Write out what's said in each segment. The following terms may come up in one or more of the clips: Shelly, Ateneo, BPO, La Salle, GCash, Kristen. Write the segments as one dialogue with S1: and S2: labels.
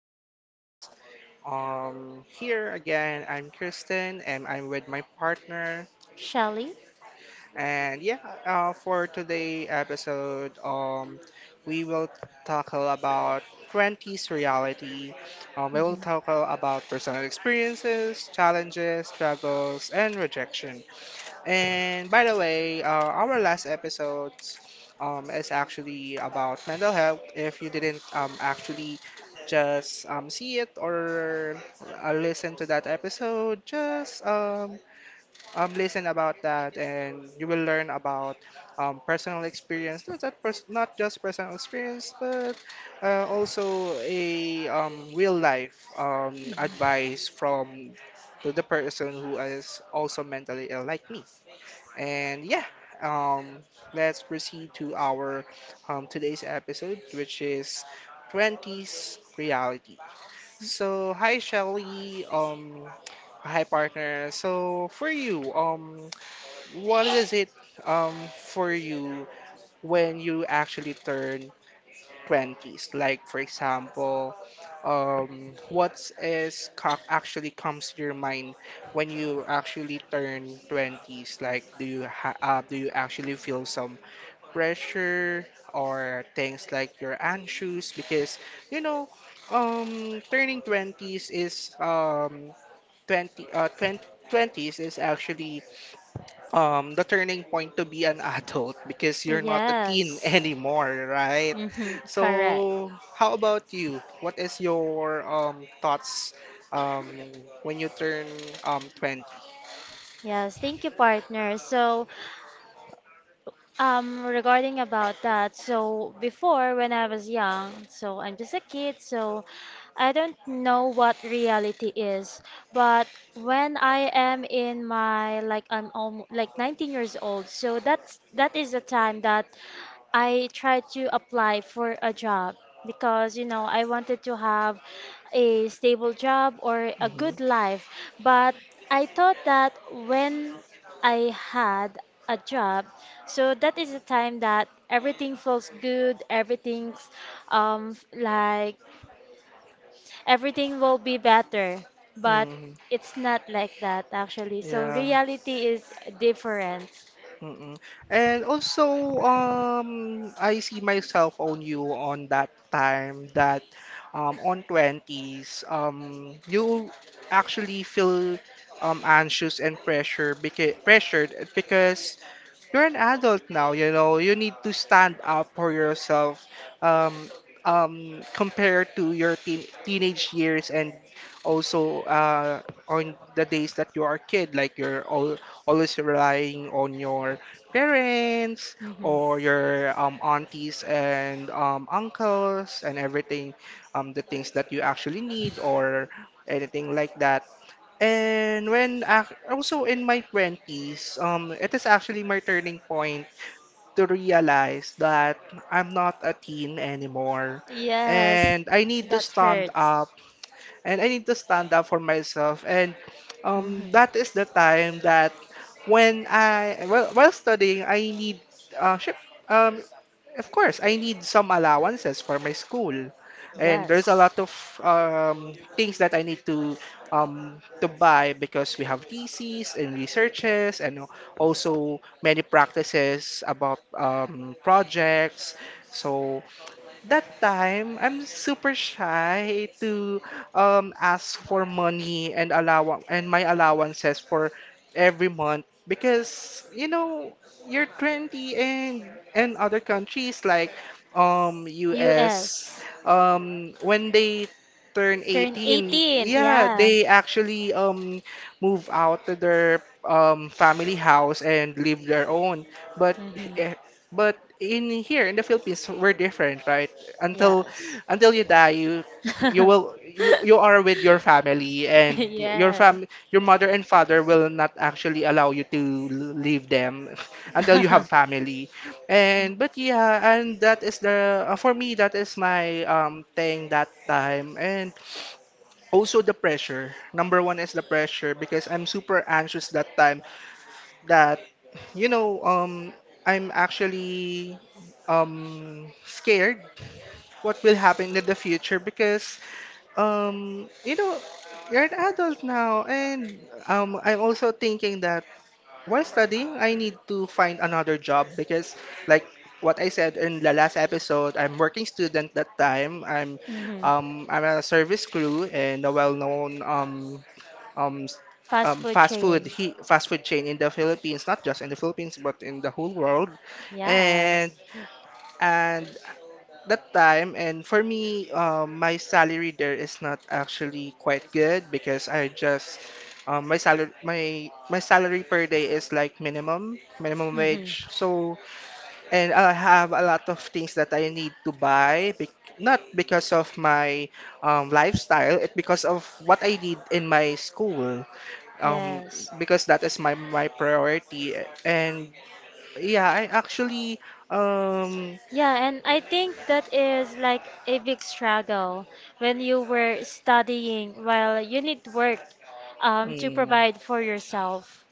S1: podcast. Here again, I'm Kristen and I'm with my partner.
S2: Shelly?
S1: And yeah, for today episode, we will tackle about 20s reality. We will
S2: Mhm.
S1: tackle about personal experiences, challenges, struggles, and rejection. And by the way, our last episode is actually about mental health. If you didn't actually just see it or listen to that episode, just listen about that, and you will learn about personal experience. Not just personal experience, but also a real life
S2: Mhm.
S1: advice from to the person who is also mentally ill, like me. And yeah, um, let's proceed to our today's episode, which is 20s reality. So, hi Shelly, hi partner. So, for you, what is it for you when you actually turn 20s. Like, for example, actually comes to your mind when you actually turn 20s? Like, do you actually feel some pressure or things like you're anxious? Because, you know, turning 20s is 20 20, twenties is actually the turning point to be an adult because you're not a teen
S2: Yes.
S1: anymore, right?
S2: Mm-hmm, correct.
S1: So, how about you? What is your thoughts um when you turn 20?
S2: Yes, thank you, partner. So, regarding about that, so before when I was young, so I'm just a kid, so I don't know what reality is. But when I am in my like I'm almost like 19 years old, so that is the time that I tried to apply for a job because, you know, I wanted to have a stable job or a
S1: Mm-hmm.
S2: good life. But I thought that when I had a job, so that is the time that everything feels good, everything's like everything will be better. But
S1: Mm-hmm.
S2: it's not like that actually. So
S1: Yeah.
S2: reality is different.
S1: Mm-mm. And also, I see myself on you on that time that, on 20s, you actually feel anxious and pressured because you're an adult now, you need to stand up for yourself um, compared to your teenage years and also on the days that you are a kid, like always relying on your parents
S2: Hmm.
S1: or your aunties and uncles and everything, the things that you actually need or anything like that. And when ac also in my 20s, it is actually my turning point to realize that I'm not a teen anymore.
S2: Yes,
S1: And I need to
S2: that
S1: stand
S2: hurts.
S1: up and I need to stand up for myself. And
S2: Hmm.
S1: that is the time that well, while studying, uh, syem- um, of course, I need some allowances for my school, and there's a
S2: Yes.
S1: lot of things that I need to buy because we have theses and researches, and also many practices about projects. So that time I'm super shy to ask for money and my allowances for every month because you know you're 20 and other countries like US
S2: US.
S1: when they turn
S2: Turn
S1: 18,
S2: 18.
S1: yeah,
S2: Yeah.
S1: they actually move out to their family house and live their own, but eh,
S2: Mm-hmm.
S1: but in here in the Philippines we're different, right? Until
S2: Yes.
S1: until you die, you are with your family and
S2: Yeah.
S1: your mother and father will not actually allow you to leave them until you have family. And but yeah, and that is the for me that is my thing that time and also the pressure. Number one is the pressure because I'm super anxious that time that you know, um, I'm actually scared what will happen in the future because um, you know, you're an adult now, and I'm also thinking that while studying, I need to find another job because, like what I said in the last episode, I'm working student that time.
S2: Hmm.
S1: I'm a service crew and a well-known um, s-
S2: Fast food chain.
S1: fast food chain in the Philippines, not just in the Philippines but in the whole world.
S2: Yeah.
S1: And and that time and for me, my salary there is not actually quite good because I just my salary my my salary per day is like minimum
S2: Hmm.
S1: wage. So and I have a lot of things that I need to buy, bec not because of my lifestyle, it because of what I need in my school um
S2: Yes.
S1: because that is my priority and yeah, I actually um
S2: Yeah, and I think that is like a big struggle when you were studying while you need work to
S1: mm,
S2: provide for yourself.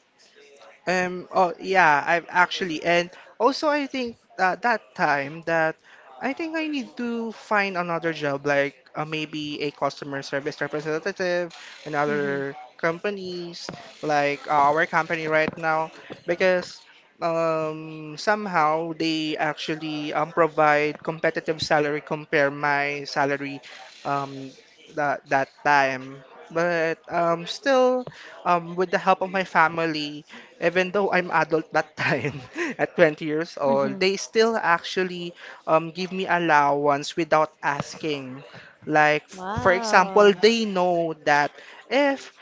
S1: Oh yeah, I've actually, and also I think that that time that I think I need to find another job, like maybe a customer service representative in
S2: Hmm.
S1: other companies, like our company right now, because somehow they actually provide competitive salary compare my salary um, that time. But still, with the help of my family even though I'm adult that time at 20 years old,
S2: Mhm.
S1: they still actually give me allowance without asking. Like, for example,
S2: Wow.
S1: they know that if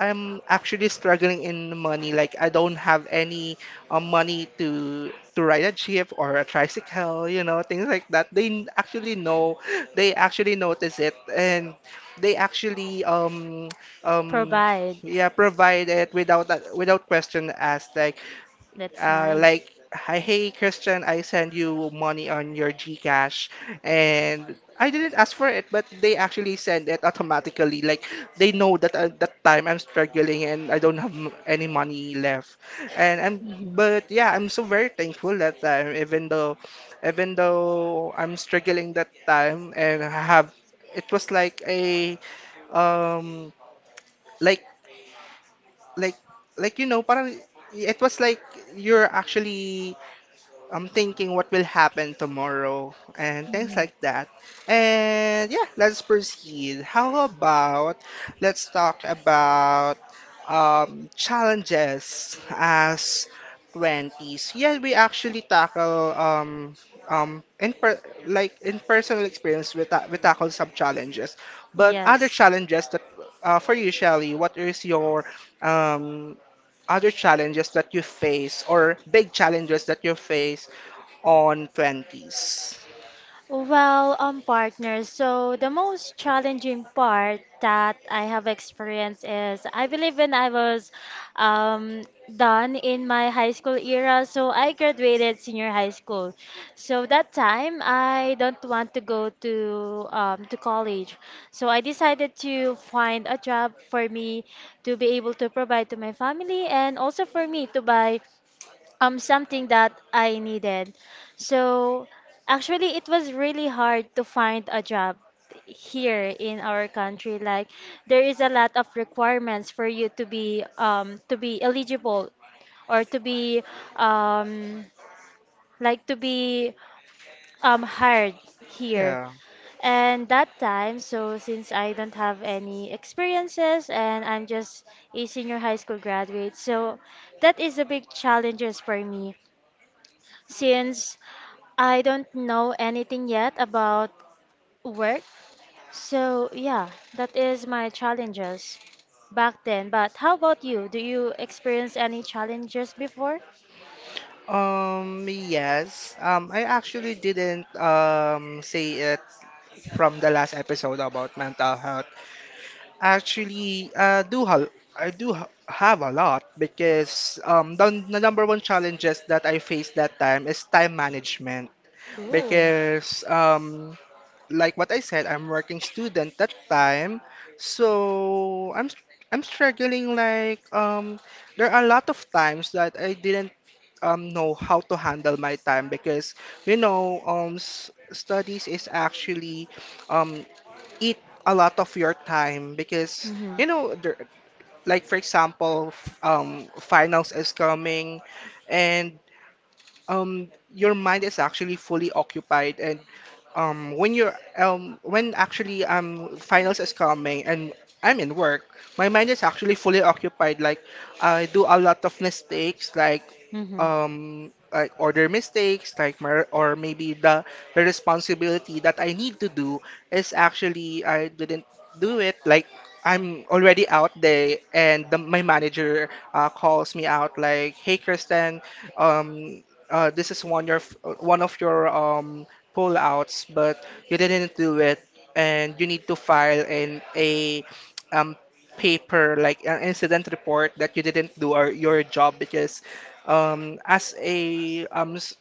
S1: I'm actually struggling in money. Like I don't have any money to ride a jeep or a tricycle, you know, things like that. Actually know, they actually notice it, and they actually um
S2: Provide.
S1: yeah, provide it without without question asked.
S2: That's nice.
S1: Like, "Hi, hey, Christian, I send you money on your GCash." And I didn't ask for it, but they actually send it automatically. Like, they know that at that time I'm struggling and I don't have any money left. And I'm,
S2: Mhm.
S1: but yeah, I'm so very thankful that time, even though I'm struggling that time it was like a, um, like, like, parang, it was like you're actually I'm thinking what will happen tomorrow and things
S2: Mhm.
S1: like that. And yeah, let's proceed. How about Let's talk about challenges as 20s. Yeah, we actually tackle in per like in personal experience we tackle some challenges. But other
S2: Yes.
S1: challenges that for you, Shelly, what is your um other challenges that you face or big challenges that you face on 20s?
S2: Well, partners. So the most challenging part that I have experienced is I believe when I was um, done in my high school era, so I graduated senior high school. So that time I don't want to go to college. So I decided to find a job for me to be able to provide to my family and also for me to buy something that I needed. So actually it was really hard to find a job here in our country. Like there is a lot of requirements for you to be eligible or to be um like to be hired here.
S1: Yeah.
S2: And that time, so since I don't have any experiences and I'm just a senior high school graduate, so that is a big challenges for me since I don't know anything yet about work. So, yeah, that is my challenges back then. But how about you? Do you experience any challenges before?
S1: Yes. I actually didn't say it from the last episode about mental health. Actually, I have a lot because the number one challenges that I faced that time is time management
S2: Ooh.
S1: because like what I said, I'm working student that time, so I'm struggling like there are a lot of times that I didn't know how to handle my time because studies is actually um eat a lot of your time because
S2: Mm-hmm.
S1: you know there, like for example finals is coming and um your mind is actually fully occupied and when actually finals is coming and I'm in work, my mind is actually fully occupied. Like I do a lot of mistakes, like
S2: Mm-hmm.
S1: order mistakes, or maybe the responsibility that I need to do is actually I didn't do it. Like I'm already out there, and my manager calls me out like, "Hey, Kristen, um this is one of your pullouts, but you didn't do it, and you need to file in a um paper like an incident report that you didn't do or your job because as a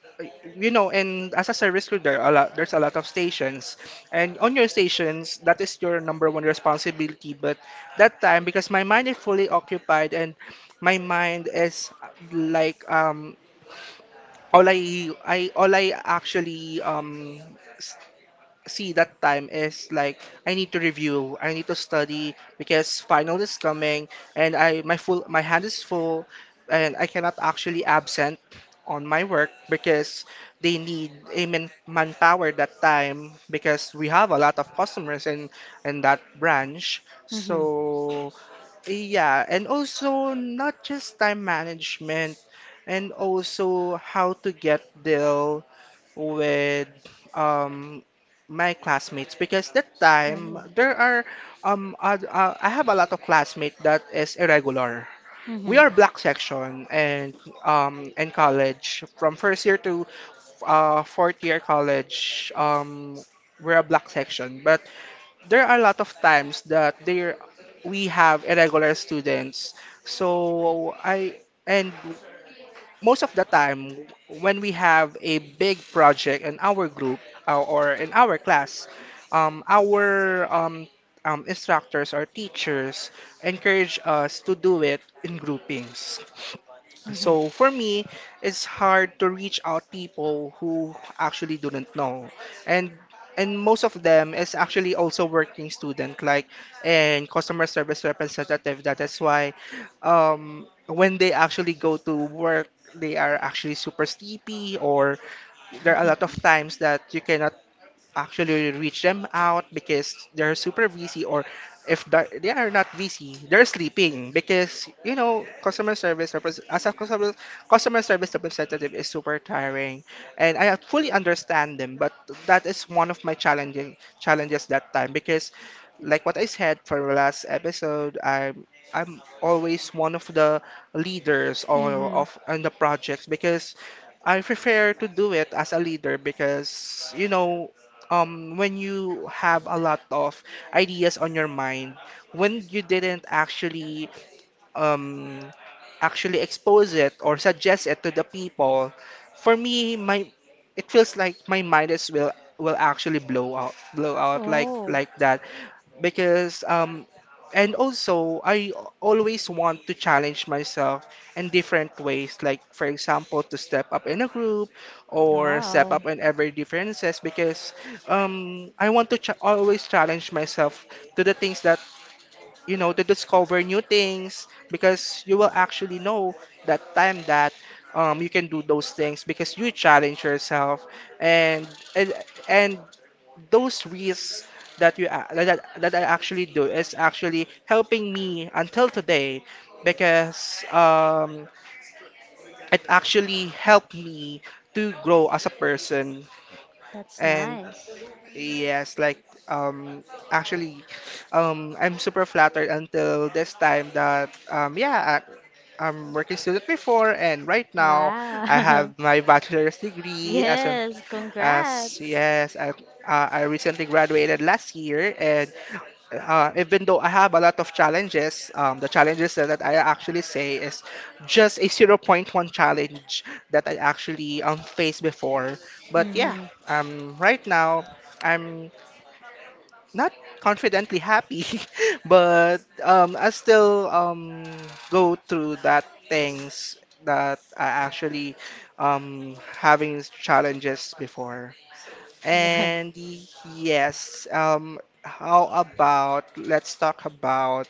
S1: you know and as a service crew there's a lot of stations, and on your stations that is your number one responsibility. But that time because my mind is fully occupied and my mind is all I actually s- see that time is like I need to review, I need to study because final is coming and I my full my hand is full, and I cannot actually absent on my work because they need a manpower that time because we have a lot of customers in that branch.
S2: Mm-hmm.
S1: So yeah, and also not just time management, and also how to get deal with um my classmates because that time there are I have a lot of classmates that is irregular. We are black section and in college from first year to fourth year college we're a black section, but there are a lot of times that there we have irregular students. So I and most of the time when we have a big project in our group or in our class, our instructors or
S2: Really?
S1: teachers encourage
S2: Mm-hmm.
S1: us to do it in groupings.
S2: Mhm.
S1: So for me, it's hard to reach out people who actually do not know. And and most of them is actually also working student like and customer service representative. That is why when they actually go to work, they are actually super sleepy or there are a lot of times that you cannot actually reach them out because they're super busy or if they're- they are not busy, they're sleeping because you know customer service representative is super tiring, and I fully understand them. But that is one of my challenging challenges that time because, like what I said for the last episode, I'm always one of the leaders or
S2: Mhm.
S1: of on the projects because I prefer to do it as a leader because you know when you have a lot of ideas on your mind, when you didn't actually um, actually expose it or suggest it to the people. For me, my it feels like my mind is will actually blow out like
S2: Oh,
S1: like that. Because and also I always want to challenge myself in different ways, like for example to step up in a group or step
S2: wow.
S1: up in every differences. Because I want to ch always challenge myself to the things that, you know, to discover new things, because you will actually know that time that you can do those things because you challenge yourself. And and, and those risks that that I actually do is actually helping me until today, because it actually helped me to grow as a person.
S2: That's
S1: And
S2: nice.
S1: yes, like um actually I'm super flattered until this time that yeah, I'm working student before and right now I
S2: Wow.
S1: have my bachelor's degree as a
S2: Yes,
S1: as
S2: congrats.
S1: yes I recently graduated last year, and even though I have a lot of challenges, the challenges that I actually say is just a zero point 0.1 challenge that I actually faced before. But yeah,
S2: Mm-hmm.
S1: right now I'm not confidently happy, but I still go through that things that I actually having challenges before.
S2: Yeah.
S1: And yes, how about let's talk about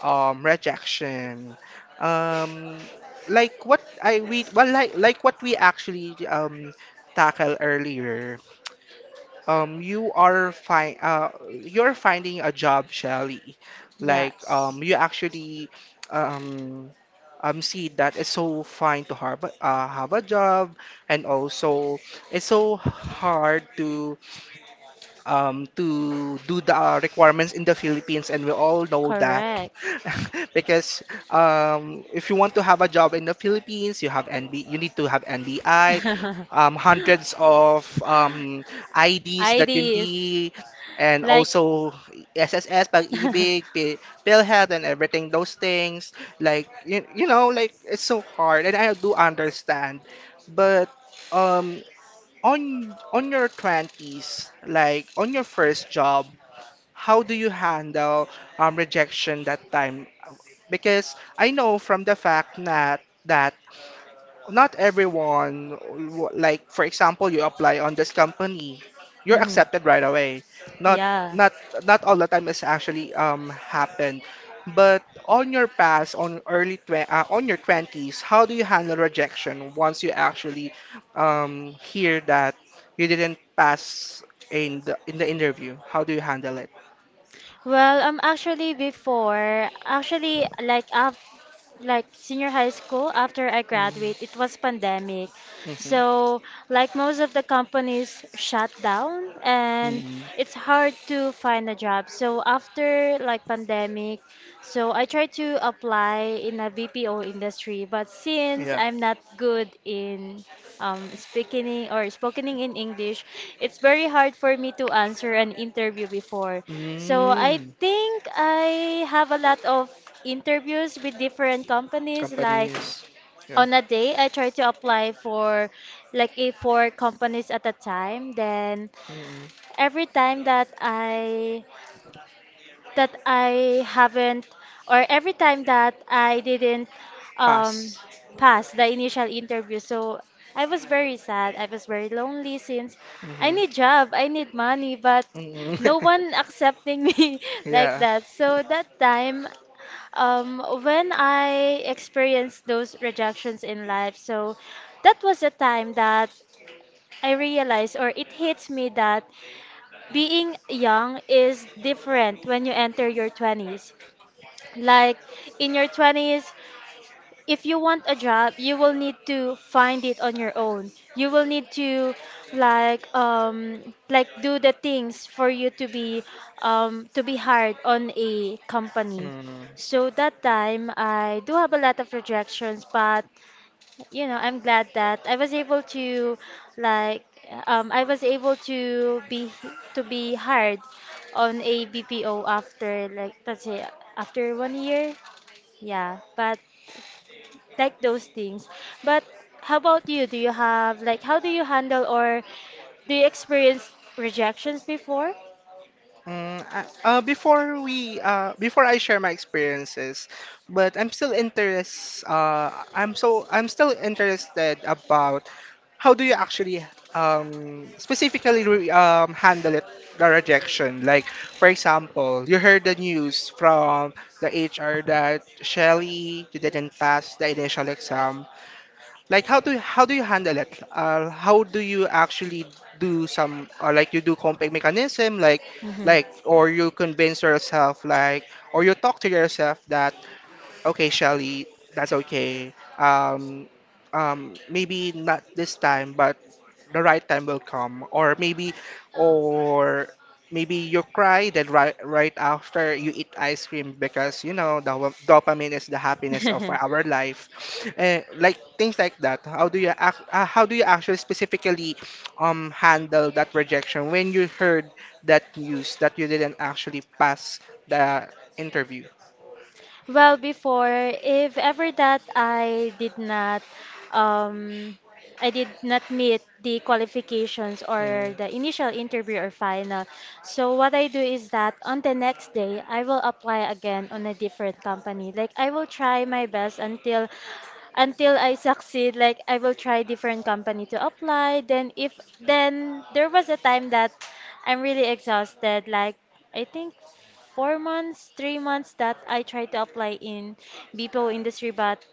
S1: rejection. Um, like what I we well like what we actually tackle earlier, you are you're finding a job, Shelly. Like
S2: Yes,
S1: you actually um, see that it's so fine to have a job, and also it's so hard to do the requirements in the Philippines, and we all know that.
S2: correct.
S1: Because if you want to have a job in the Philippines, you have you need to have NBI, hundreds of IDs that you
S2: IDs.
S1: need, and
S2: Like,
S1: also SSS, pag-ibig, PhilHealth, and everything those things. Like you know, like it's so hard, and I do understand, but um on your 20s, like on your first job, how do you handle rejection that time? Because I know from the fact that that not everyone, like for example, you apply on this company, you're
S2: Mhm.
S1: accepted right away. Not
S2: Yeah.
S1: not not all the time is actually happened. But on your past, on on your twenties, how do you handle rejection once you actually hear that you didn't pass in the interview? How do you handle it?
S2: Well, actually before, actually like af like senior high school after I graduate,
S1: Mm-hmm.
S2: it was pandemic.
S1: Mm-hmm.
S2: So like most of the companies shut down and
S1: Mm-hmm.
S2: it's hard to find a job. So after like pandemic, so I tried to apply in a BPO industry, but since
S1: Yeah.
S2: I'm not good in speaking in, or spoken in English, it's very hard for me to answer an interview before. So I
S1: Mm.
S2: think I have a lot of interviews with different companies. Like
S1: Companies. Yeah.
S2: on a day, I try to apply for like a 4 companies at a time. Then
S1: Mm.
S2: every time that I haven't, or every time that I didn't um,
S1: Pass.
S2: pass the initial interview. So I was very sad. I was very lonely since I
S1: Hmm.
S2: need job, I need money, but
S1: Mhm.
S2: no one accepting me like
S1: Yeah.
S2: that. So that time, when I experienced those rejections in life, so that was the time that I realized or it hits me that being young is different when you enter your 20s. Like in your 20s, if you want a job, you will need to find it on your own. You will need to like do the things for you to be hired on a company.
S1: Mm.
S2: So that time I do have a lot of rejections, but you know, I'm glad that I was able to like I was able to be hired on a BPO after like let's say after one year, yeah, but like those things. But how about you? Do you have like how do you handle or do you experience rejections before?
S1: Before before I share my experiences, but I'm still I'm still interested about how do you actually specifically handle it, the rejection. Like for example, you heard the news from the hr that Shelly, you didn't pass the initial exam. Like how do you handle it? How do you actually do some, or like you do coping mechanism, like or you convince yourself, like or you talk to yourself that okay, Shelly, that's okay. Maybe not this time, but the right time will come. Or maybe you cry then right after you eat ice cream because you know the dopamine is the happiness of
S2: Hmm.
S1: our life. Eh, like things like that. How do you how do you actually specifically handle that rejection when you heard that news that you didn't actually pass the interview?
S2: Well, before, if ever that um, I did not meet the qualifications or
S1: Mm.
S2: the initial interview or final. So what I do is that on the next day, I will apply again on a different company. Like I will try my best until I succeed, like I will try different company to apply. Then if then there was a time that I'm really exhausted, like I think 4 months, 3 months that I tried to apply in BPO industry, but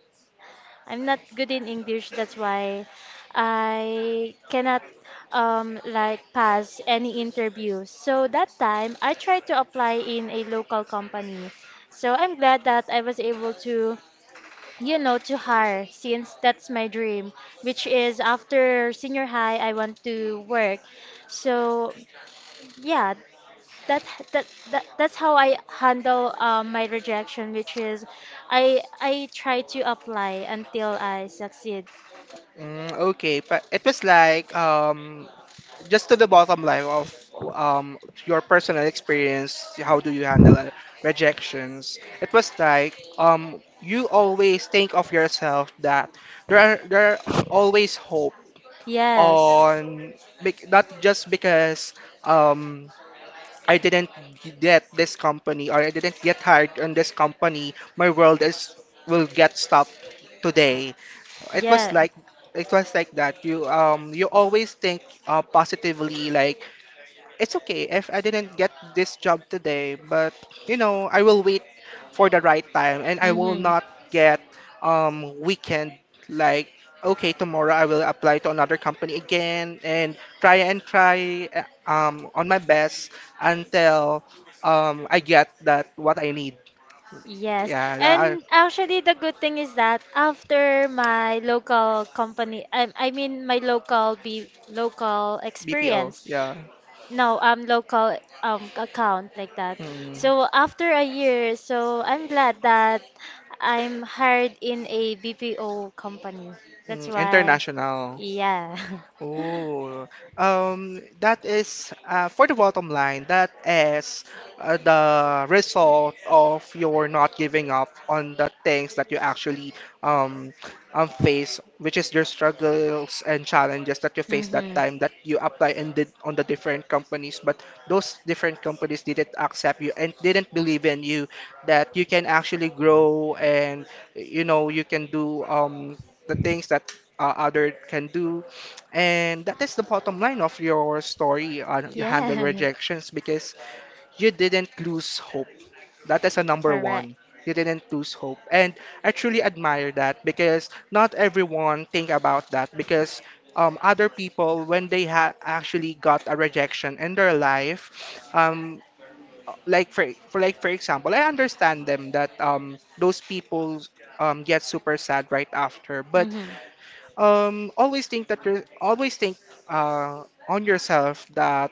S2: I'm not good in English. That's why I cannot like pass any interview. So that time I tried to apply in a local company. So I'm glad that I was able to you know to hire since that's my dream which is after senior high I want to work so yeah that that, that that's how I handle my rejection, which is I try to apply until I succeed.
S1: Mm, okay, but it was like just to the bottom line of um your personal experience, how do you handle rejections? It was like you always think of yourself that there are always hope
S2: Yes.
S1: on, not just because um I didn't get this company or I didn't get hired on this company, my world is will get stopped today. It was
S2: Yeah.
S1: like it was like that. You you always think positively, like it's okay if I didn't get this job today, but you know, I will wait for the right time, and I will
S2: Mm-hmm.
S1: not get weekend, like okay, tomorrow I will apply to another company again and try on my best until I get that what I need.
S2: Yes,
S1: Yeah,
S2: and actually the good thing is that after my local company, I mean my local be local
S1: BPO.
S2: experience,
S1: Yeah.
S2: no, local account like that.
S1: Mm.
S2: So after a year, so I'm glad that I'm hired in a BPO company. That's
S1: Mm,
S2: why,
S1: international.
S2: yeah.
S1: Oh, that is for the bottom line, that is the result of your not giving up on the things that you actually um, face, which is your struggles and challenges that you face that time that you apply and did on the different companies, but those different companies didn't accept you and didn't believe in you that you can actually grow, and you know you can do the things that other can do.
S2: Did.
S1: And that is the bottom line of your story on you handle
S2: Yeah, yeah, other
S1: rejections, because you didn't lose hope. That is a
S2: people,
S1: number
S2: correct.
S1: one. You didn't lose hope. And I truly admire that, because not everyone think about that. Because other people, when they ha actually got a rejection in their life, like for example, I understand them that those people get super sad right after, but always think that you're always think on yourself that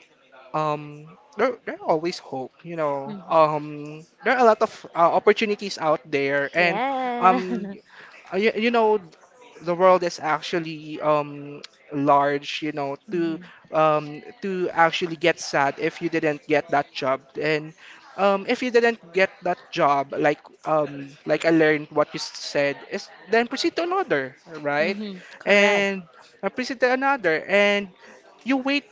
S1: um, there are always hope, you know.
S2: There.
S1: There are a lot of opportunities out there, and um,
S2: Yeah.
S1: you know, the world is actually large, you know, to actually get sad if you didn't get that job. And if you didn't get that job, like I learned what you said, is then proceed to another, right?
S2: Mm-hmm. Correct.
S1: And appreciate another, and you wait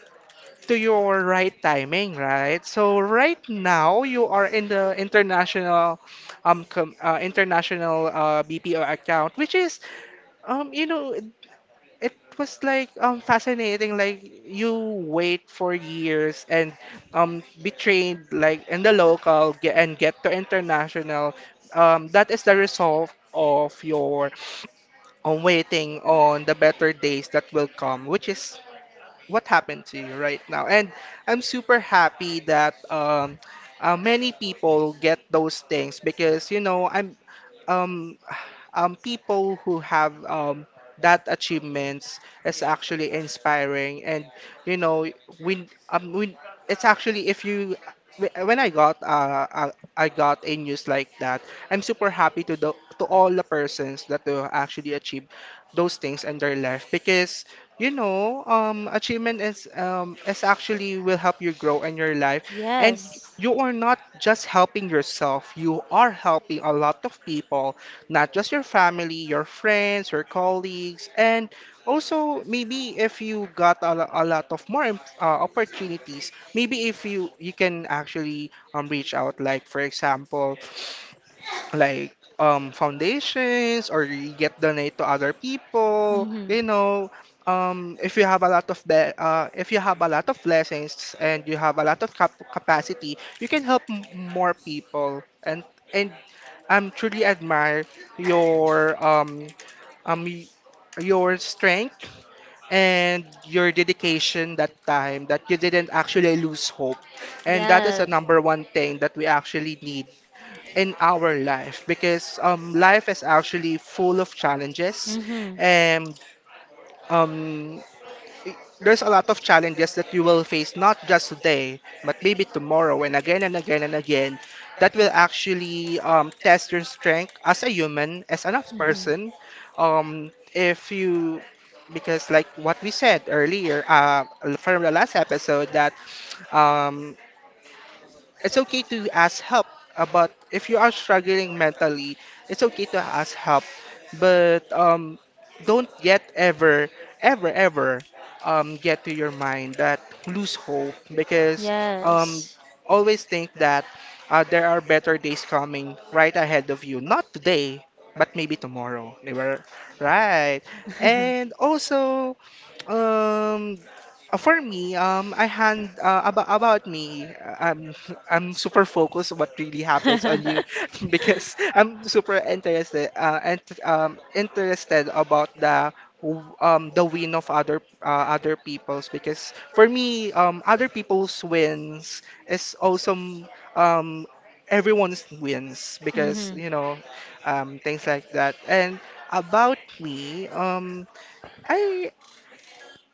S1: to your right timing, right? So right now you are in the international international BPO account, which is you know it was like fascinating. Like you wait for years and be trained like in the local and get to international. That is the result of your on waiting on the better days that will come, which is what happened to you right now. And I'm super happy that many people get those things, because you know I'm um, people who have that achievements is actually inspiring. And you know when it's actually, if you when I got a news like that, I'm super happy to the to all the persons that will actually achieve those things in their life. Because you know achievement is actually will help you grow in your life, and
S2: Yes.
S1: you are not just helping yourself, you are helping a lot of people, not just your family, your friends, your colleagues, and also maybe if you got a, lo- a lot of more opportunities, maybe if you you can actually reach out, like for example, like foundations or you get donate to other people,
S2: Mm-hmm.
S1: you know, if you have a lot of if you have a lot of blessings and you have a lot of capacity, you can help more people. And and I'm truly admire your um y- your strength and your dedication that time that you didn't actually lose hope. And that is
S2: Yeah.
S1: the
S2: Mm-hmm.
S1: number one thing that we actually need in our life, because life is actually full of challenges,
S2: Mm-hmm.
S1: and um, there's a lot of challenges that you will face, not just today but maybe tomorrow and again and again and again, that will actually test your strength as a human as an person. If you because like what we said earlier, from the last episode that um, it's okay to ask help about if you are struggling mentally, it's okay to ask help. But don't yet ever ever get to your mind that lose hope, because um
S2: Yes.
S1: always think that there are better days coming right ahead of you, not today but maybe tomorrow they were right. And also um for me, I hand about me. I'm I'm super focused on what really happens on you because I'm super interested and interested about the the win of other people's, because for me other people's wins is also um everyone's wins, because
S2: Hmm.
S1: things like that. And about me, I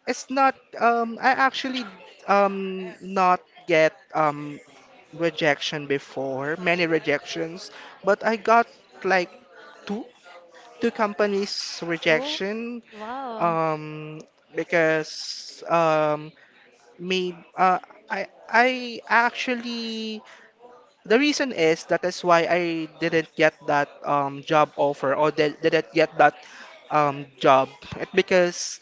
S1: it's not I actually not get rejection before, many rejections, but I got like two two companies
S2: Oh,
S1: rejection.
S2: wow.
S1: Um because um made uh I I actually, the reason is that is why I didn't get that job offer or didn't get that job. It because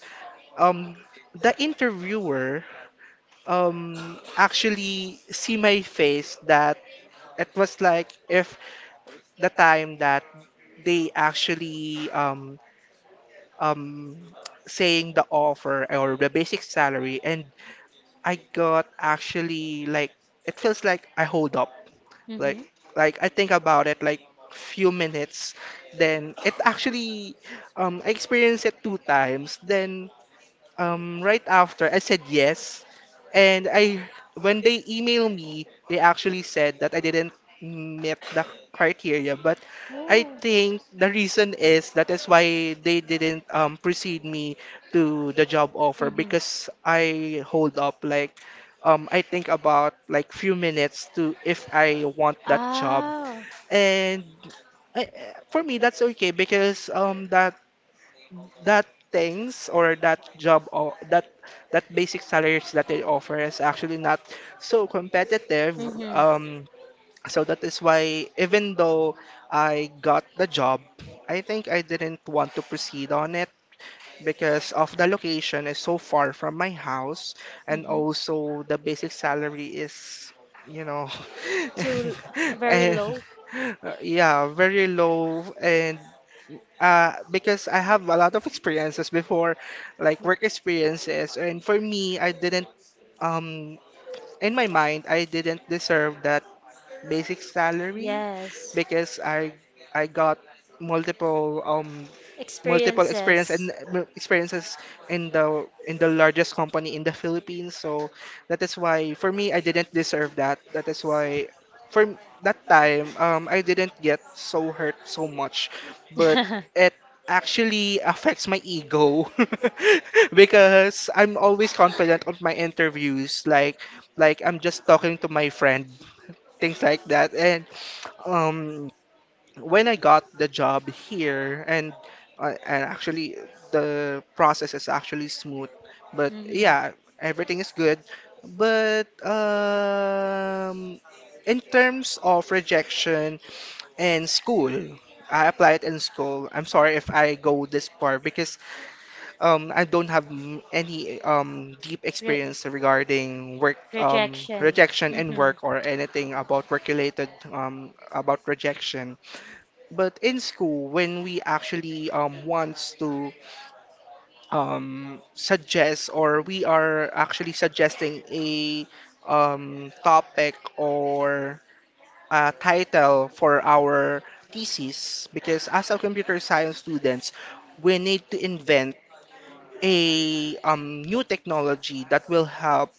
S1: um the interviewer actually see my face, that it was like if the time that they actually um, saying the offer or the basic salary, and I got actually like, it feels like I hold up, like
S2: Hmm.
S1: I think about it like few minutes, then it actually, I experienced it two times. Then right after I said yes, and I when they email me, they actually said that I didn't meet the criteria. But I
S2: I
S1: think the reason is that is why they didn't precede me to the job offer, because I hold up like, I think about like few minutes to if I want that job. And I, for me, that's okay, because that that things or that job or that basic salaries that they offer is actually not so competitive. um so that is why, even though I got the job, I think I didn't want to proceed on it because of the location is so far from my house, and also the basic salary is, you know,
S2: too very
S1: and
S2: low.
S1: yeah, very low. And because I have a lot of experiences before, like work experiences, and for me, I didn't um in my mind, I didn't deserve that basic salary,
S2: Yes,
S1: because I got multiple multiple
S2: experiences.
S1: experiences in the largest company in the Philippines. So that is why for me, I didn't deserve that. That is why that time, I didn't get so hurt so much, but it actually affects my ego. Because I'm always confident on my interviews. Like, I'm just talking to my friend, things like that. And um, when I got the job here, and actually the process is actually smooth. But
S2: Mhm.
S1: yeah, everything is good. But in terms of rejection and school, I applied in school. I'm sorry if I go this far, because I don't have any deep
S2: Re-
S1: experience regarding work
S2: rejection.
S1: rejection in
S2: Mhm.
S1: work or anything about work related about rejection. But in school, when we actually wants to suggest, or we are actually suggesting a topic or a title for our thesis, because as a computer science students, we need to invent a new technology that will help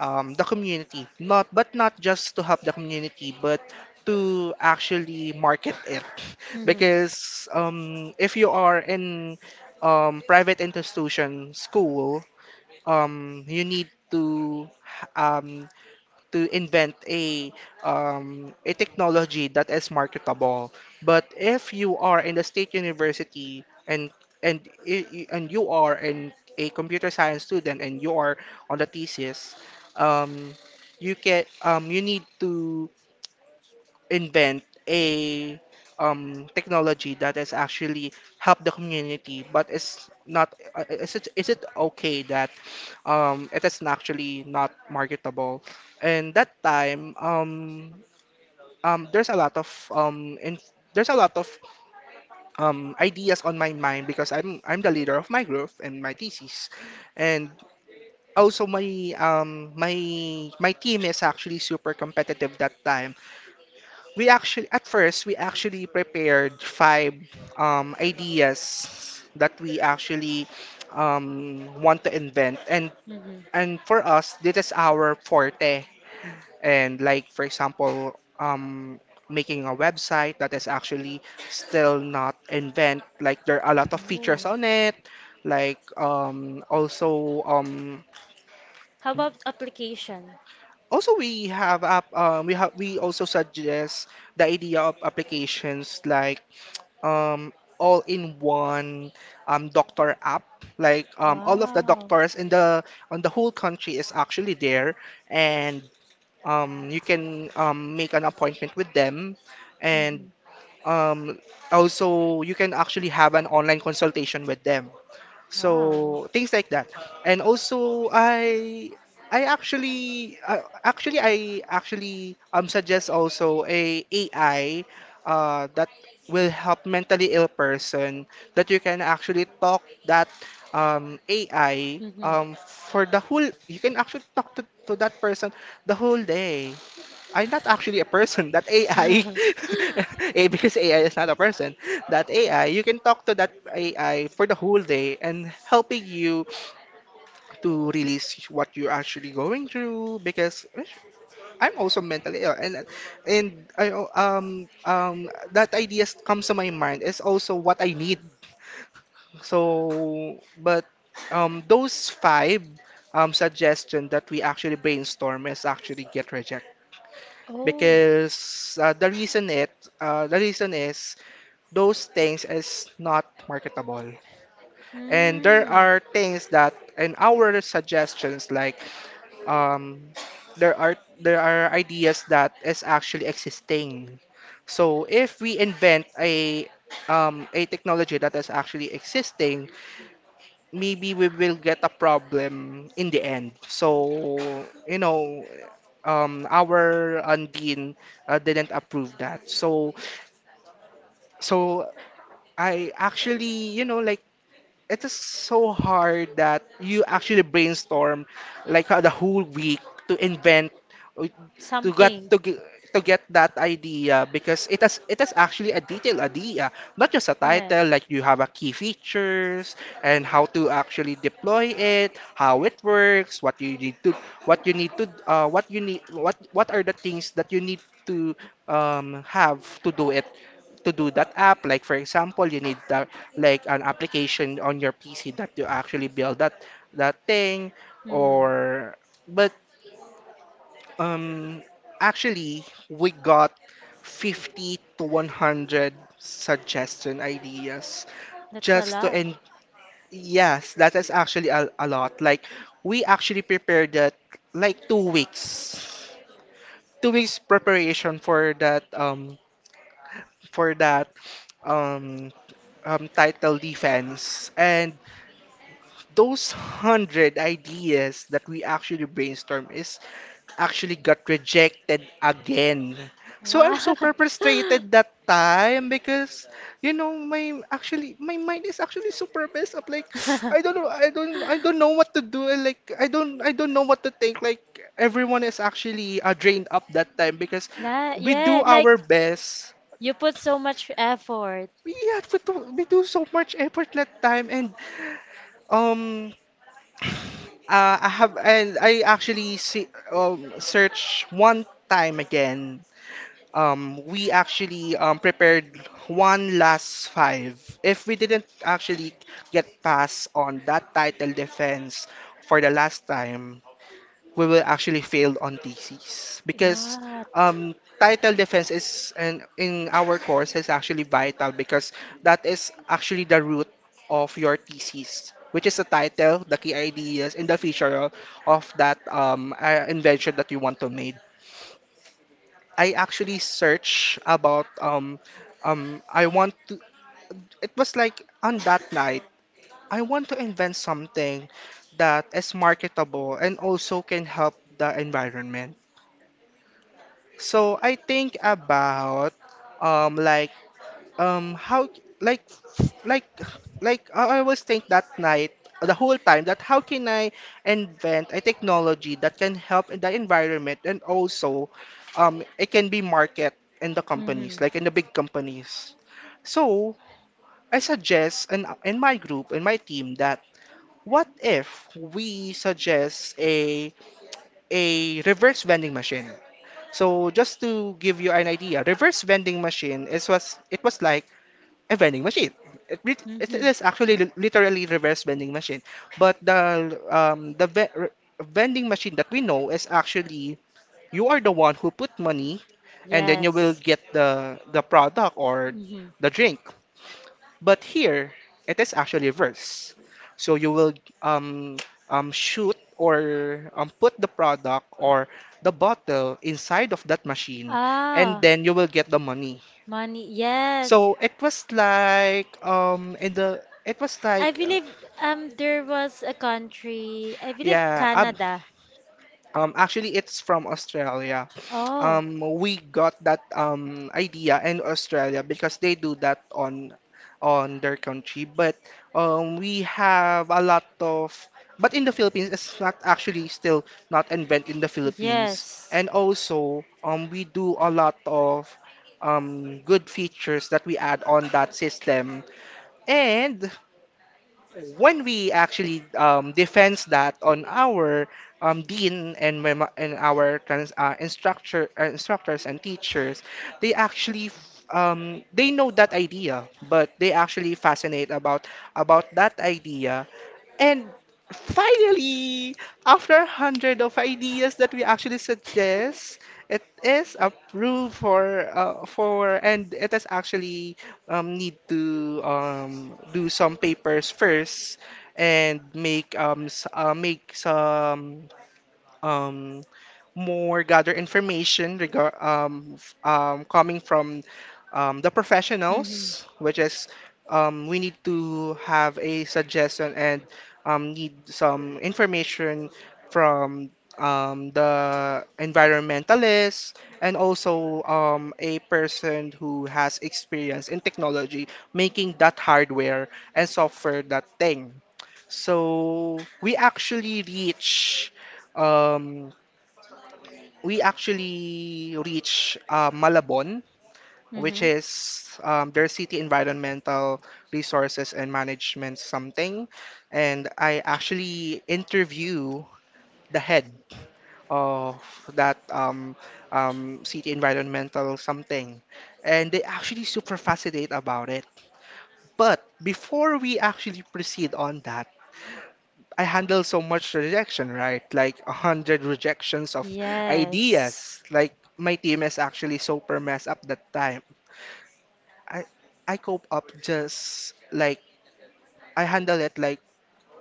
S1: the community, not but not just to help the community, but to actually market it.
S2: Mhm.
S1: Because if you are in private institution school, you need to um, invent a technology that is marketable. But if you are in the state university, and and and you are in a computer science student, and you are on the thesis, um, you can you need to invent a technology that is actually help the community, but it's not. Is it, okay that it is actually not marketable? And that time, there's a lot of um, in, there's a lot of ideas on my mind, because I'm the leader of my group and my thesis, and also my my team is actually super competitive. That time we actually, at first we actually prepared five ideas that we actually want to invent. and
S2: Mhm.
S1: and for us, this is our forte. And like for example, making a website that is actually still not invent, like there are a lot of features on
S2: Ooh.
S1: it. Like
S2: How about application?
S1: also we have we also suggest the idea of applications, like um all in one doctor app. Like all of the
S2: Wow.
S1: doctors in the on the whole country is actually there, and you can make an appointment with them, and
S2: Mhm.
S1: um also you can actually have an online consultation with them,
S2: Wow.
S1: so things like that. And also I actually, I actually suggest also a AI that will help mentally ill person, that you can actually talk that AI,
S2: Mhm.
S1: for the whole, you can actually talk to that person the whole day. I'm not actually a person. That AI, eh, because AI is not a person. That AI, you can talk to that AI for the whole day, and helping you to release what you're actually going through. Because eh, I'm also mentally ill, and that idea comes to my mind is also what I need. So, but those five suggestion that we actually brainstorm is actually get rejected,
S2: Oh.
S1: because the reason is those things is not marketable. And there
S2: Mm.
S1: are things that in our suggestions, like um, there are there are ideas that is actually existing. So if we invent a technology that is actually existing, maybe we will get a problem in the end. So, you know, our Undine didn't approve that. So, so I actually, you know, like, it is so hard that you actually brainstorm like the whole week to invent uh, to get
S2: Something.
S1: to get to get that idea, because it is, it is actually a detailed idea, not just a
S2: Yeah.
S1: title. Like you have a key features, and how to actually deploy it, how it works, what you need to, what you need to what you need what are the things that you need to have to do it, to do that app. Like for example, you need the, like an application on your PC that you actually build that that thing
S2: Mhm.
S1: or, but um actually we got 50 to 100 suggestion ideas.
S2: That's a
S1: Just to,
S2: lot.
S1: and yes, that is actually a lot. Like we actually prepared that like 2 weeks preparation for that for that um title defense. And those hundred ideas that we actually brainstorm is actually got rejected again. So
S2: Wow.
S1: I'm super frustrated that time, because you know, my actually my mind is actually super messed up. Like, I don't know, I don't know what to do. Like I don't know what to think. Like, everyone is actually drained up that time, because
S2: That,
S1: we do
S2: yeah, like
S1: our best.
S2: you put so much effort.
S1: We had to, we do so much effort that time. And Um, I have, and I actually see search one time again. We actually prepared one last five. If we didn't actually get past on that title defense for the last time, we will
S2: What?
S1: actually fail on thesis, because um, title defense is, and in our course is actually vital, because that is actually the root of your thesis, which is the title, the key ideas and the feature of that invention that you want to make. I actually search about I want to, it was like on that night, I want to invent something that is marketable and also can help the environment. So I think about um like how, like like I always think that night the whole time, that how can I invent a technology that can help in the environment, and also it can be market in the companies, like in
S2: Mm-hmm.
S1: the big companies. So I suggest in my group, in my team, that what if we suggest a reverse vending machine. So just to give you an idea, reverse vending machine is, was, it was like a vending machine. It, it
S2: Mm-hmm.
S1: is actually literally reverse vending machine, but the vending machine that we know is actually you are the one who put money, and then you will
S2: Yes.
S1: get the product or
S2: Mm-hmm.
S1: the drink. But here, it is actually reverse. So you will um, shoot or put the product or the bottle inside of that machine, and
S2: Ah,
S1: then you will get the money.
S2: money. Yes.
S1: So it was like
S2: I believe there was a country, I believe
S1: yeah,
S2: Canada.
S1: Actually, it's from Australia.
S2: Oh,
S1: We got that idea in Australia, because they do that on their country. But we have a lot of, but in the Philippines, it's not actually still not invented in the Philippines.
S2: yes.
S1: And also, we do a lot of good features that we add on that system. And when we actually defends that on our dean and our instructor instructors and teachers, they actually they know that idea, but they actually fascinate about that idea and finally, after hundred of ideas that we actually suggest, it is approved for and it is actually need to do some papers first and make make some um more gather information coming from the professionals,
S2: Mm-hmm.
S1: which is we need to have a suggestion and need some information from the environmentalist and also a person who has experience in technology making that hardware and software that thing. So we actually reach. Um, we actually reach Malabon,
S2: Mm-hmm.
S1: which is their city environmental resources and management something. And I actually interview the head of that city environmental something. And they actually super fascinate about it. But before we actually proceed on that, I handle so much rejection, right? Like a hundred rejections of
S2: Yes.
S1: ideas. Like my team is actually super messed up that time. I I cope up just like I handle it like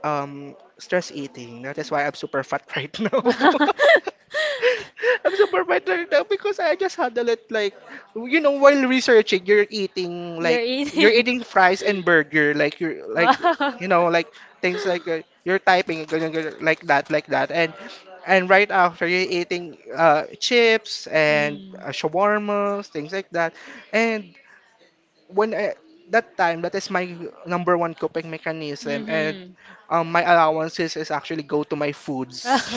S1: um stress eating. That is why I'm super fat right now. I'm super fat right now because I just handle it like while researching you're eating
S2: You're
S1: like you're
S2: eating.
S1: eating fries and burger like you're like
S2: Wow.
S1: you know like things like you're typing ganyan, ganyan, like that and right after you're eating chips and
S2: Mm.
S1: shawarmas things like that and when I, that time that is my number one coping mechanism and
S2: Mm-hmm.
S1: my allowances is actually go to my foods,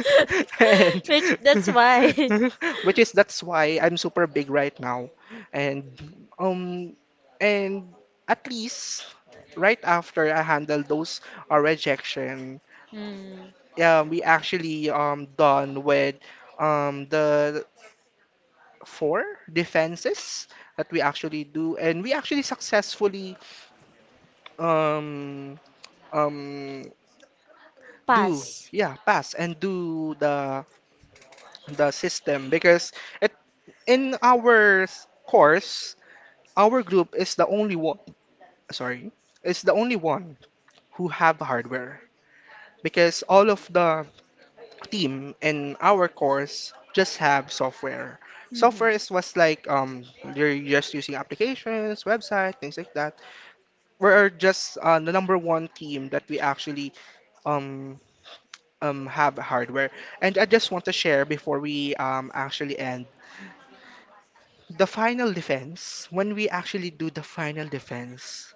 S1: and
S2: Which that's why.
S1: which is that's why I'm super big right now, and um, and at least right after I handle those rejection,
S2: Mm.
S1: yeah, we actually done with the four defenses that we actually do, and we actually successfully um um do
S2: Pass.
S1: yeah pass and do the system because it in our course our group is the only one sorry is the only one who have hardware because all of the team in our course just have software
S2: Mm-hmm.
S1: is was like you're just using applications website things like that we're just the number one team that we actually um have hardware. And I just want to share before we actually end the final defense. When we actually do the final defense,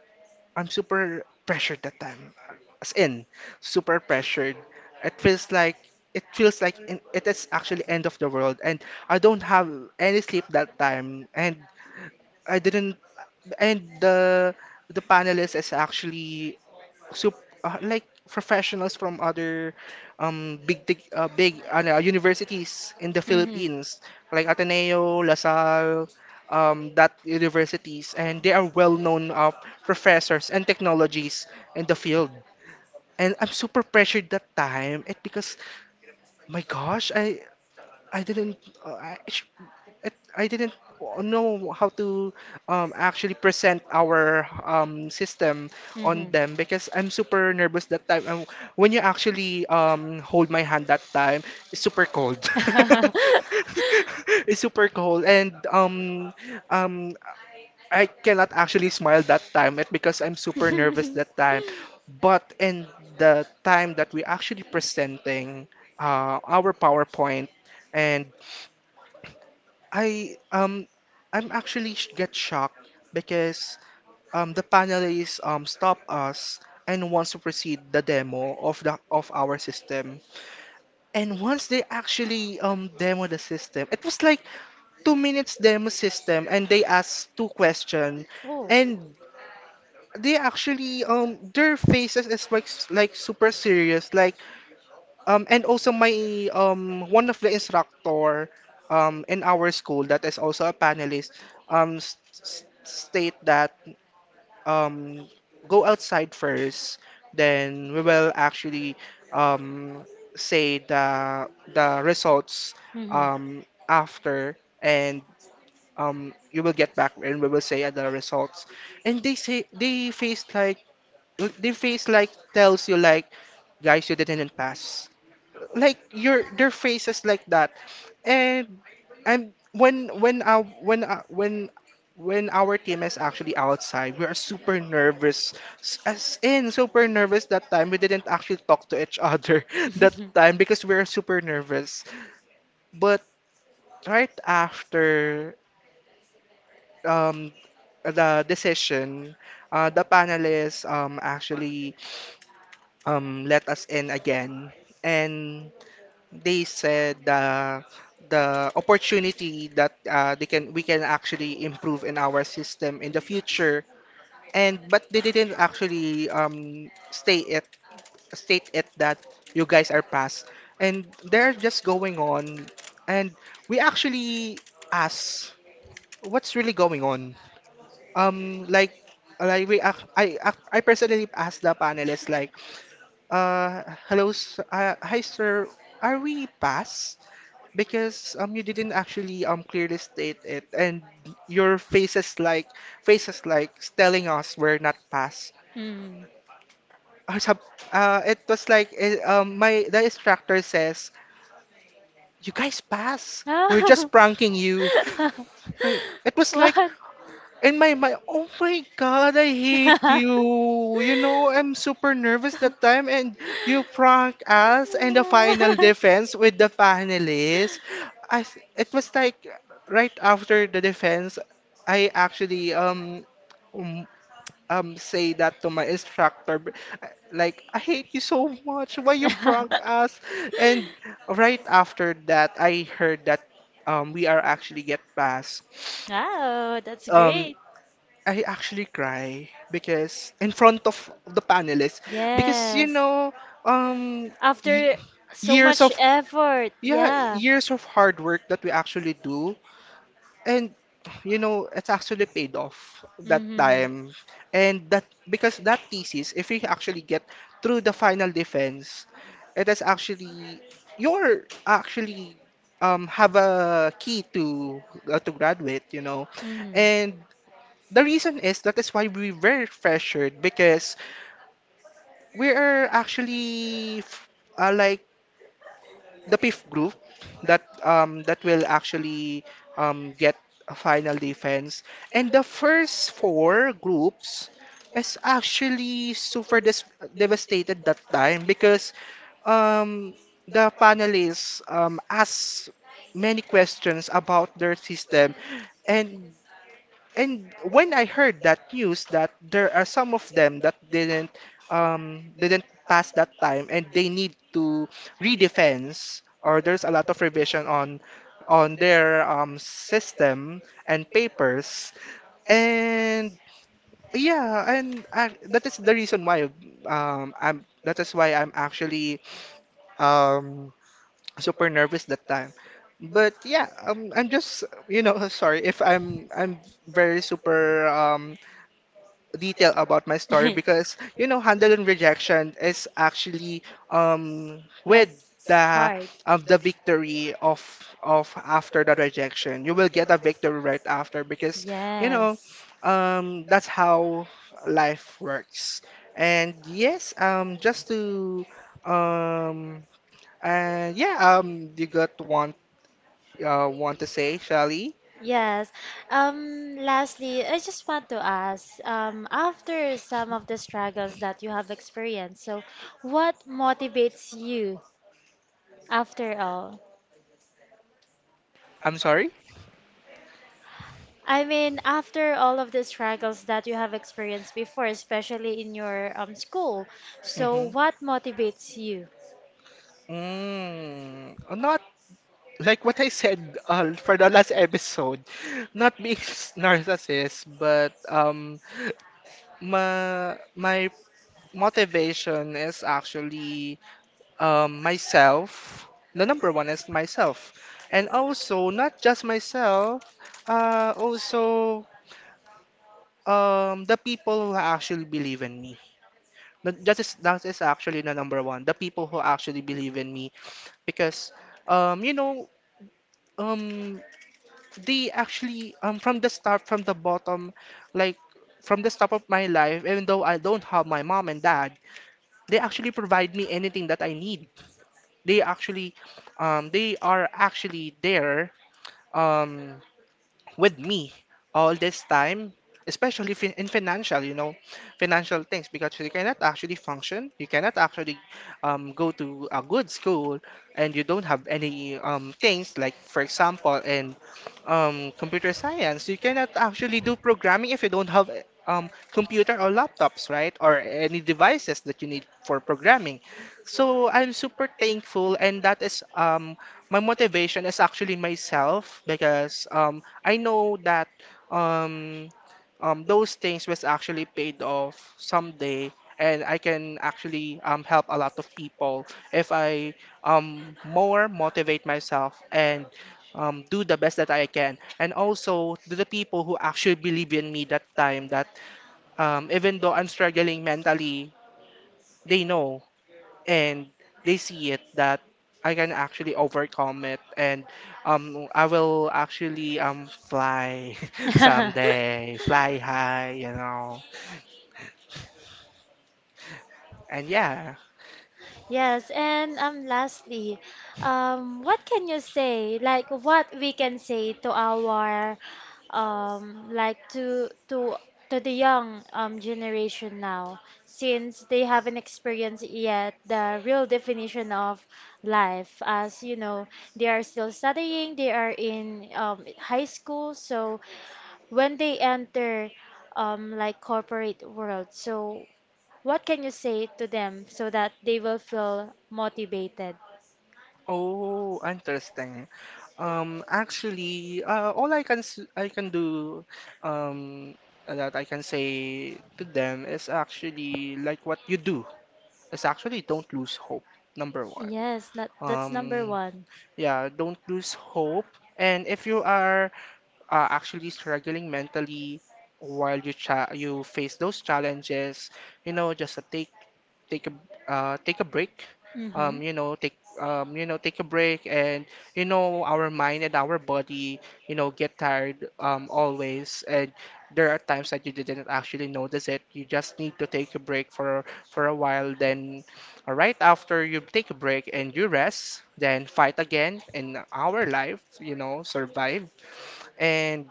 S1: I'm super pressured that time. As in, super pressured. It feels like it feels like it is actually end of the world, and I don't have any sleep that time, and I didn't. And the panelist is actually so like professionals from other big big ano, ah, universities in the
S2: Mm-hmm.
S1: Philippines like Ateneo, La Salle, that universities and they are well known professors and technologies in the field. And I'm super pressured that time it because my gosh I didn't uh, I, I didn't know how to actually present our system on
S2: Mhm.
S1: them because I'm super nervous that time. And when you actually hold my hand that time, it's super cold. It's super cold, and um, I cannot actually smile that time it because I'm super nervous that time. But in the time that we actually presenting our PowerPoint and I um I'm actually sh get shocked because the panelists stop us and wants to proceed the demo of the of our system. And once they actually demo the system, it was like 2 minutes demo system and they asked two question
S2: Oh.
S1: and they actually their faces is like like super serious like and also my one of the instructor in our school that is also a panelist state that um go outside first, then we will actually um say the results
S2: Mhm.
S1: after and you will get back and we will say the results. And they say they face like tells you like guys you didn't pass like your their faces like that and and when our team is actually outside we are super nervous. S- as in super nervous that time we didn't actually talk to each other that
S2: Mhm.
S1: time because we were super nervous but right after um the decision the panelists actually let us in again and they said the opportunity that they can we can actually improve in our system in the future and but they didn't actually stay it state it that you guys are past and they're just going on and we actually ask what's really going on um like like we ac- I personally asked the panelists like hi sir are we past because you didn't actually clearly state it and your faces like telling us we're not pass
S2: Mm.
S1: or some it was like my the instructor says you guys pass, we're
S2: Ah.
S1: just pranking you. It was like
S2: What?
S1: In my mind, oh my god, I hate you. You know, I'm super nervous that time, and you prank us and the final defense with the panelists. It was like right after the defense, I actually um, say that to my instructor, like I hate you so much. Why you prank us? And right after that, I heard that we are actually get passed.
S2: Wow, that's
S1: Um,
S2: great.
S1: I actually cry because in front of the panelists because you
S2: Yes.
S1: know um y-
S2: After so
S1: years
S2: much
S1: of
S2: effort,
S1: yeah
S2: yeah.
S1: years of hard work that we actually do and you know it's actually paid off that
S2: Mm-hmm.
S1: time and that because that thesis if we actually get through the final defense it is actually you're actually have a key to graduate you know and the reason is that is why we were pressured because we are actually like the fifth group that that will actually get a final defense and the first four groups is actually devastated that time because um the panelists asked many questions about their system and and when I heard that news that there are some of them that didn't pass that time and they need to redefense or there's a lot of revision on their system and papers and yeah and that is the reason why I'm that is why I'm actually um super nervous that time. But yeah, I'm just you know sorry if I'm very super
S2: Mm-hmm.
S1: detail about my story because you know handling rejection is actually with
S2: Like it's
S1: the
S2: hard.
S1: of the victory of after the rejection you will get a victory right after because you know
S2: Yes.
S1: that's how life works and yes just to um and yeah you got one want to say Shelly
S2: Yes. Lastly, I just want to ask, after some of the struggles that you have experienced, so what motivates you after all?
S1: I'm sorry.
S2: I mean, after all of the struggles that you have experienced before, especially in your school, so
S1: Mm-hmm.
S2: what motivates you?
S1: Mm, not like what I said for the last episode, not being narcissist, but my motivation is actually myself. The number one is myself, and also not just myself, also the people who actually believe in me. That is actually the number one. The people who actually believe in me because um you know um they actually from the start from the bottom like from the start of my life even though I don't have my mom and dad they actually provide me anything that I need. They actually they are actually there um with me all this time, especially in financial, you know, financial things, because you cannot actually function, you cannot actually go to a good school, and you don't have any things like, for example, in computer science, you cannot actually do programming if you don't have computer or laptops, right? Or any devices that you need for programming. So I'm super thankful, and that is my motivation is actually myself because I know that um, those things was actually paid off someday, and I can actually help a lot of people if I more motivate myself and do the best that I can. And also to the people who actually believe in me that time, that even though I'm struggling mentally, they know and they see it that I can actually overcome it and I will actually fly someday, fly high, you know. And yeah.
S2: Yes, and lastly, what can you say? Like what we can say to our like to to the young generation now, since they haven't experienced yet the real definition of life. As you know, they are still studying. They are in high school, so when they enter like corporate world, so what can you say to them so that they will feel motivated?
S1: Oh, interesting. Actually all I can s- I can do um that I can say to them is actually like what you do is actually don't lose hope, number one.
S2: Yes, that, that's
S1: Um
S2: number one.
S1: yeah, don't lose hope. And if you are actually struggling mentally while you face those challenges, you know, just a take take a take a break.
S2: Mm-hmm.
S1: You know, take a break, and you know, our mind and our body, you know, get tired always, and there are times that you didn't actually notice it. You just need to take a break for a while, then right after you take a break and you rest, then fight again in our life, you know, survive. And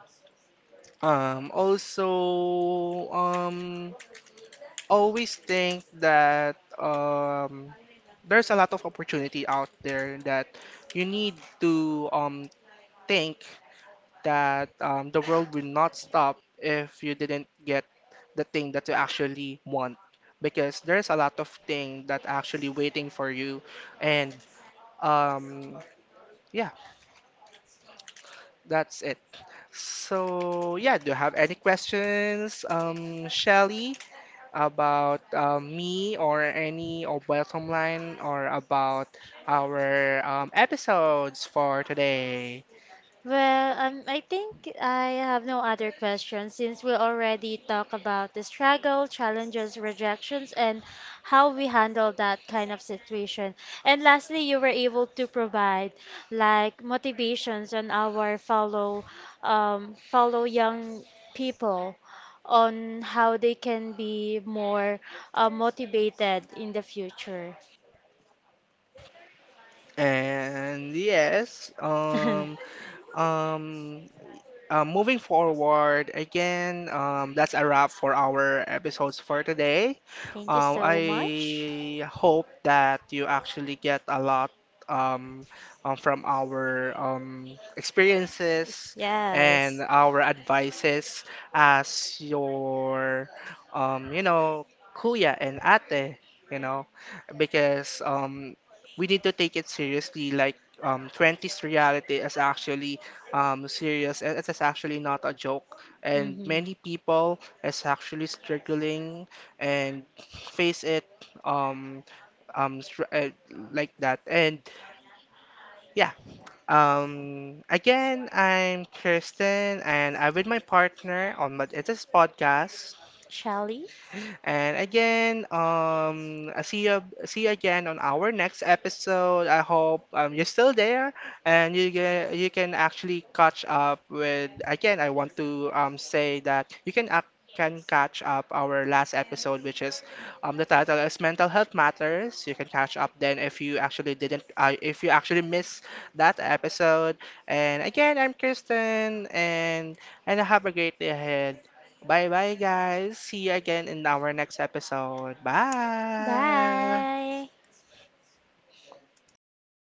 S1: um, also, um, always think that there's a lot of opportunity out there that you need to think that the world will not stop if you didn't get the thing that you actually want. Because there's a lot of thing that actually waiting for you. And um, yeah, that's it. So yeah, do you have any questions, Shelly? About me or any of Welcome Line or about our episodes for today.
S2: Well, I think I have no other questions since we already talked about the struggle, challenges, rejections, and how we handle that kind of situation. And lastly, you were able to provide like motivations on our fellow, fellow young people on how they can be more motivated in the future.
S1: And yes,
S2: Thank
S1: um, moving forward, again, that's a wrap for our episodes for today.
S2: you so much.
S1: I hope that you actually get a lot um, from our experiences
S2: Yes.
S1: and our advices as your, you know, kuya and ate, you know, because we need to take it seriously. Like, 20s reality is actually serious and it is actually not a joke and
S2: Hmm.
S1: many people is actually struggling and face it um um str- uh, like that and yeah again I'm Kirsten and I'm with my partner on my it is podcast
S2: Shelly,
S1: and again, I see you again on our next episode. I hope you're still there and you can actually catch up with. Again, I want to say that can catch up our last episode, which is the title is Mental Health Matters. You can catch up then if you actually didn't, if you actually missed that episode. And again, I'm Kristen, and have a great day ahead. Bye bye, guys. See you again in our next episode. Bye.
S2: bye.